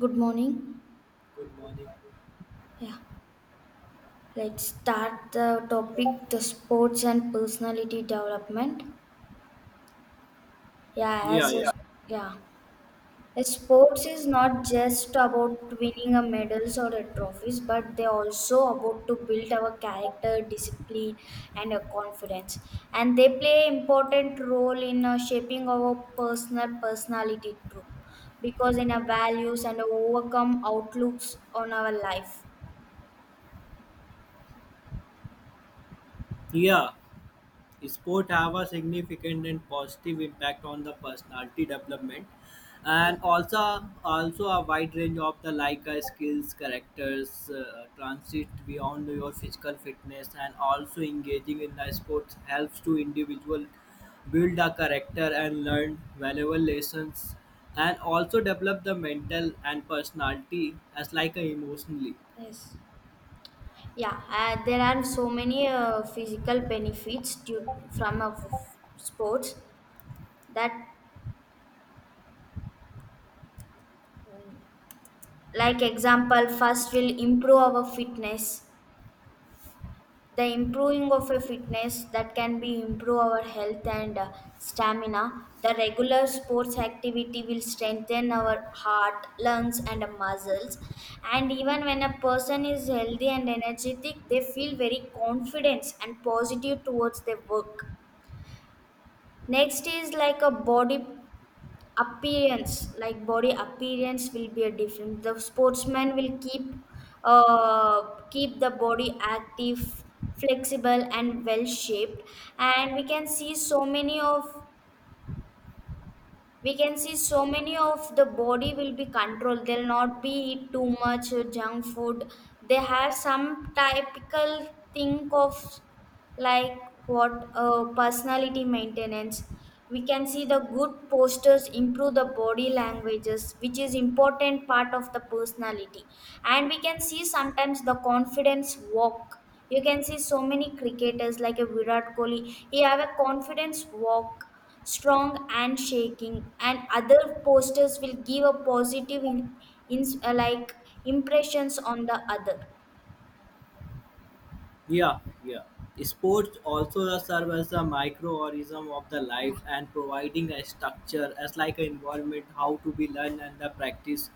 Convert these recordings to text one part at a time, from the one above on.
Good morning. Good morning. Yeah, let's start the topic the sports and personality development. Yeah, Yeah, as a, yeah. Yeah. yeah, A sports is not just about winning a medals or a trophies, but they also about to build our character, discipline, and a confidence. And they play important role in shaping our personality too, because in our values and overcome outlooks on our life. Yeah. Sport have a significant and positive impact on the personality development Yeah. and also a wide range of the like skills characters transit beyond your physical fitness, and also engaging in the sports helps to individual build a character and learn valuable lessons, and also develop the mental and personality as like a emotionally. Yes. Yeah, there are so many physical benefits due from sports that, like example, first will improve our fitness. The improving of a fitness that can be improve our health and stamina. The regular sports activity will strengthen our heart, lungs, and muscles. And even when a person is healthy and energetic, they feel very confident and positive towards their work. Next is like a body appearance, like body appearance will be a different, the sportsman will keep uh keep the body active, flexible and well shaped. And we can see so many of the body will be controlled, they'll not be eat too much junk food. They have some typical think of, like, what personality maintenance, we can see the good posters improve the body languages, which is important part of the personality. And we can see sometimes the confidence walk, you can see so many cricketers like a Virat Kohli, he have a confidence walk, strong and shaking, and other posters will give a positive in like impressions on the other. Yeah, yeah. Sports also serve as the microorganism of the Yeah. life and providing a structure as like an environment how to be learned and the practice.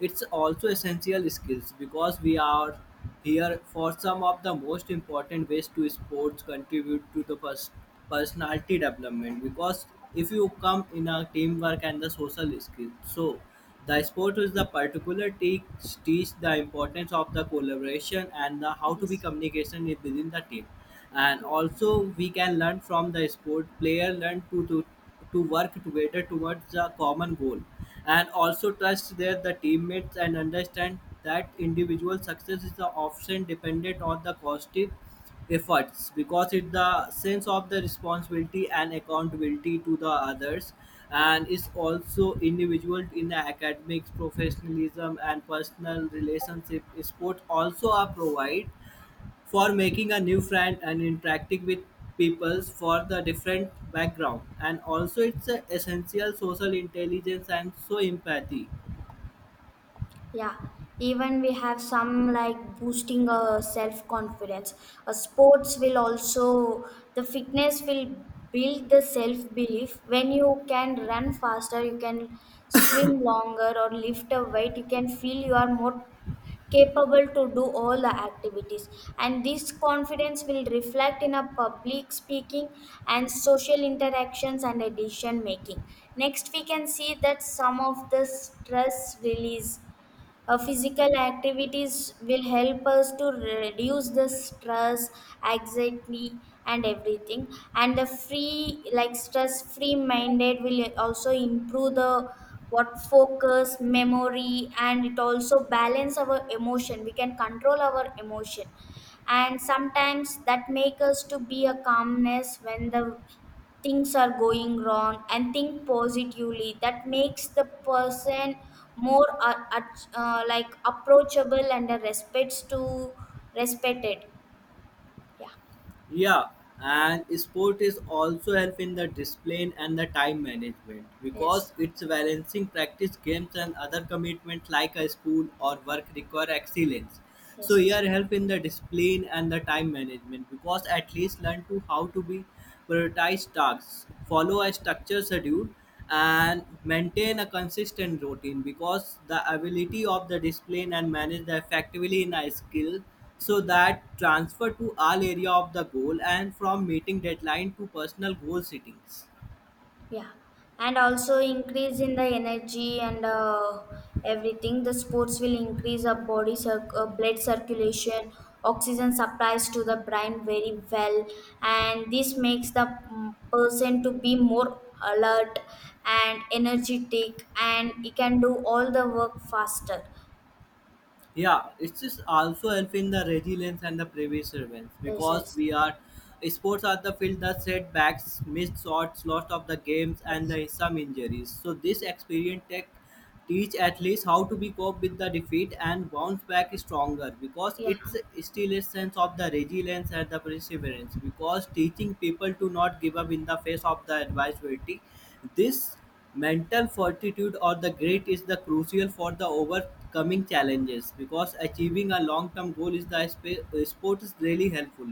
It's also essential skills because we are here for some of the most important ways to sports contribute to the first personality development, because if you come in a teamwork and the social skills, so the sport is the particular teach the importance of the collaboration and the how to be communication within the team. And also we can learn from the sport player learn to work together towards the common goal, and also trust their the teammates and understand that individual success is the often dependent on the positive efforts because it the sense of the responsibility and accountability to the others. And is also individual in the academics professionalism and personal relationship, sport also are provide for making a new friend and interacting with peoples for the different background, and also it's a essential social intelligence and so empathy. Yeah, even we have some like boosting self confidence. Sports will also, the fitness will build the self belief. When you can run faster, you can swim longer, or lift a weight, you can feel you are more capable to do all the activities. And this confidence will reflect in a public speaking and social interactions and a decision making. Next, we can see that some of the stress release, physical activities will help us to reduce the stress, anxiety, and everything. And the free, like stress free minded, will also improve the what focus, memory, and it also balance our emotion. We can control our emotion, and sometimes that make us to be a calmness when the things are going wrong and think positively, that makes the person more like approachable and respects to respected. Yeah. Yeah, and sport is also help in the discipline and the time management because Yes. it's balancing practice games and other commitments like a school or work require excellence. So Yes. Yes. here help in the discipline and the time management because at least learn to how to be prioritize tasks, follow a structured schedule and maintain a consistent routine, because the ability of the discipline and manage the effectively in a skill, so that transfer to all area of the goal and from meeting deadline to personal goal settings. Yeah, and also increase in the energy and everything. The sports will increase our body blood circulation, oxygen supplies to the brain very well, and this makes the person to be more alert and energetic, and he can do all the work faster. Yeah, it's just also helping the resilience and the perseverance Yes, because yes, we are sports are the field the setbacks, missed shots, loss of the games, and yes. the some injuries. So this experience tech teach athletes how to be cope with the defeat and bounce back stronger because Yeah. it's still a sense of the resilience and the perseverance, because teaching people to not give up in the face of the adversity. This mental fortitude or the grit is the crucial for the overcoming challenges because achieving a long-term goal is the sports really helpful.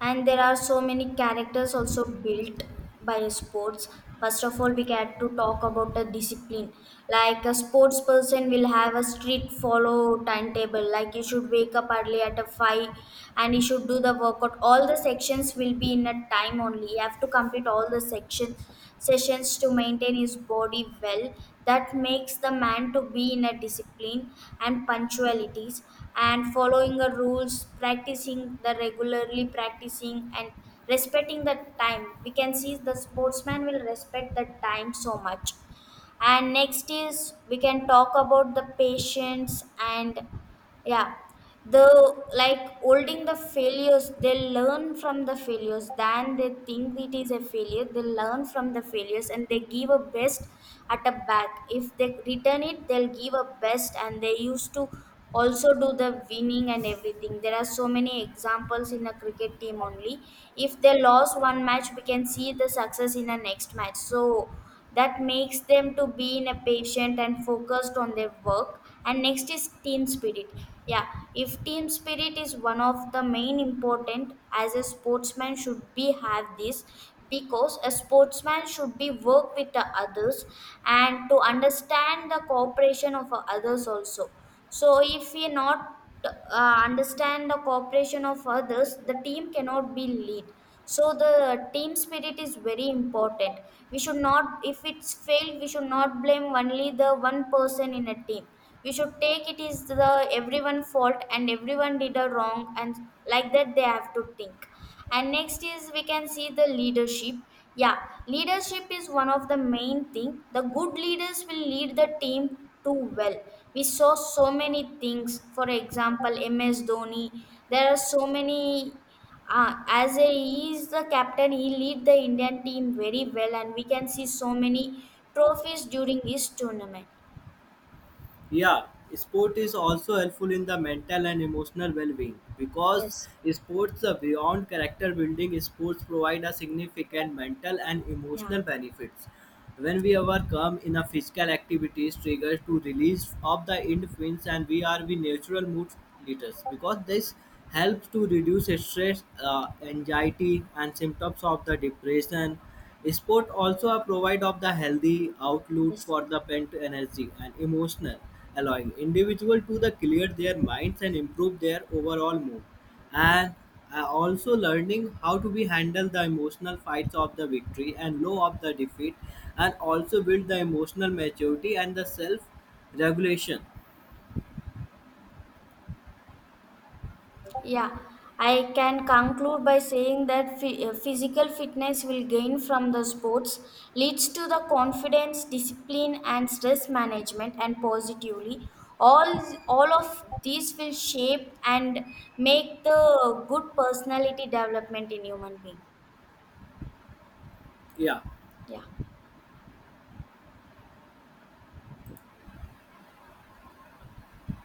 And there are so many characters also built by sports. First of all, we get to talk about the discipline, like a sports person will have a strict follow timetable, like you should wake up early at a 5 and you should do the workout, all the sections will be in a time only, you have to complete all the sections, sessions to maintain his body well. That makes the man to be in a discipline and punctualities, and following the rules, practicing the regularly practicing and respecting the time. We can see the sportsman will respect the time so much. And next is we can talk about the patience and, yeah, the like holding the failures, they learn from the failures, than they think it is a failure they learn from the failures and they give a best at a back, if they return it they'll give a best and they used to also do the winning and everything. There are so many examples in a cricket team only, if they lost one match we can see the success in the next match. So that makes them to be in a patient and focused on their work. And next is team spirit. Yeah. If team spirit is one of the main important, as a sportsman should be have this, because a sportsman should be work with the others and to understand the cooperation of others also. So, if we not understand the cooperation of others, the team cannot be lead. So, the team spirit is very important. We should not, if it's failed, we should not blame only the one person in a team. We should take it is the everyone fault and everyone did a wrong, and like that they have to think. And next is we can see the leadership. Yeah. Leadership is one of the main thing, the good leaders will lead the team too well. We saw so many things, for example, MS Dhoni, there are so many, he is the captain, he lead the Indian team very well and we can see so many trophies during his tournament. Yeah, sport is also helpful in the mental and emotional well-being because Yes. sports are beyond character building. Sports provide a significant mental and Yeah. emotional benefits. When we overcome in a physical activities triggers to release of the endorphins and we are the natural mood leaders because this helps to reduce stress, anxiety, and symptoms of the depression. Sport also a provide of the healthy outlet Yes. for the pent energy and emotional, allowing individual to the clear their minds and improve their overall mood. And also learning how to be handle the emotional fights of the victory and low of the defeat, and also build the emotional maturity and the self regulation. Yeah, I can conclude by saying that physical fitness will gain from the sports leads to the confidence, discipline, and stress management, and positively. All of these will shape and make the good personality development in human being. Yeah. Yeah.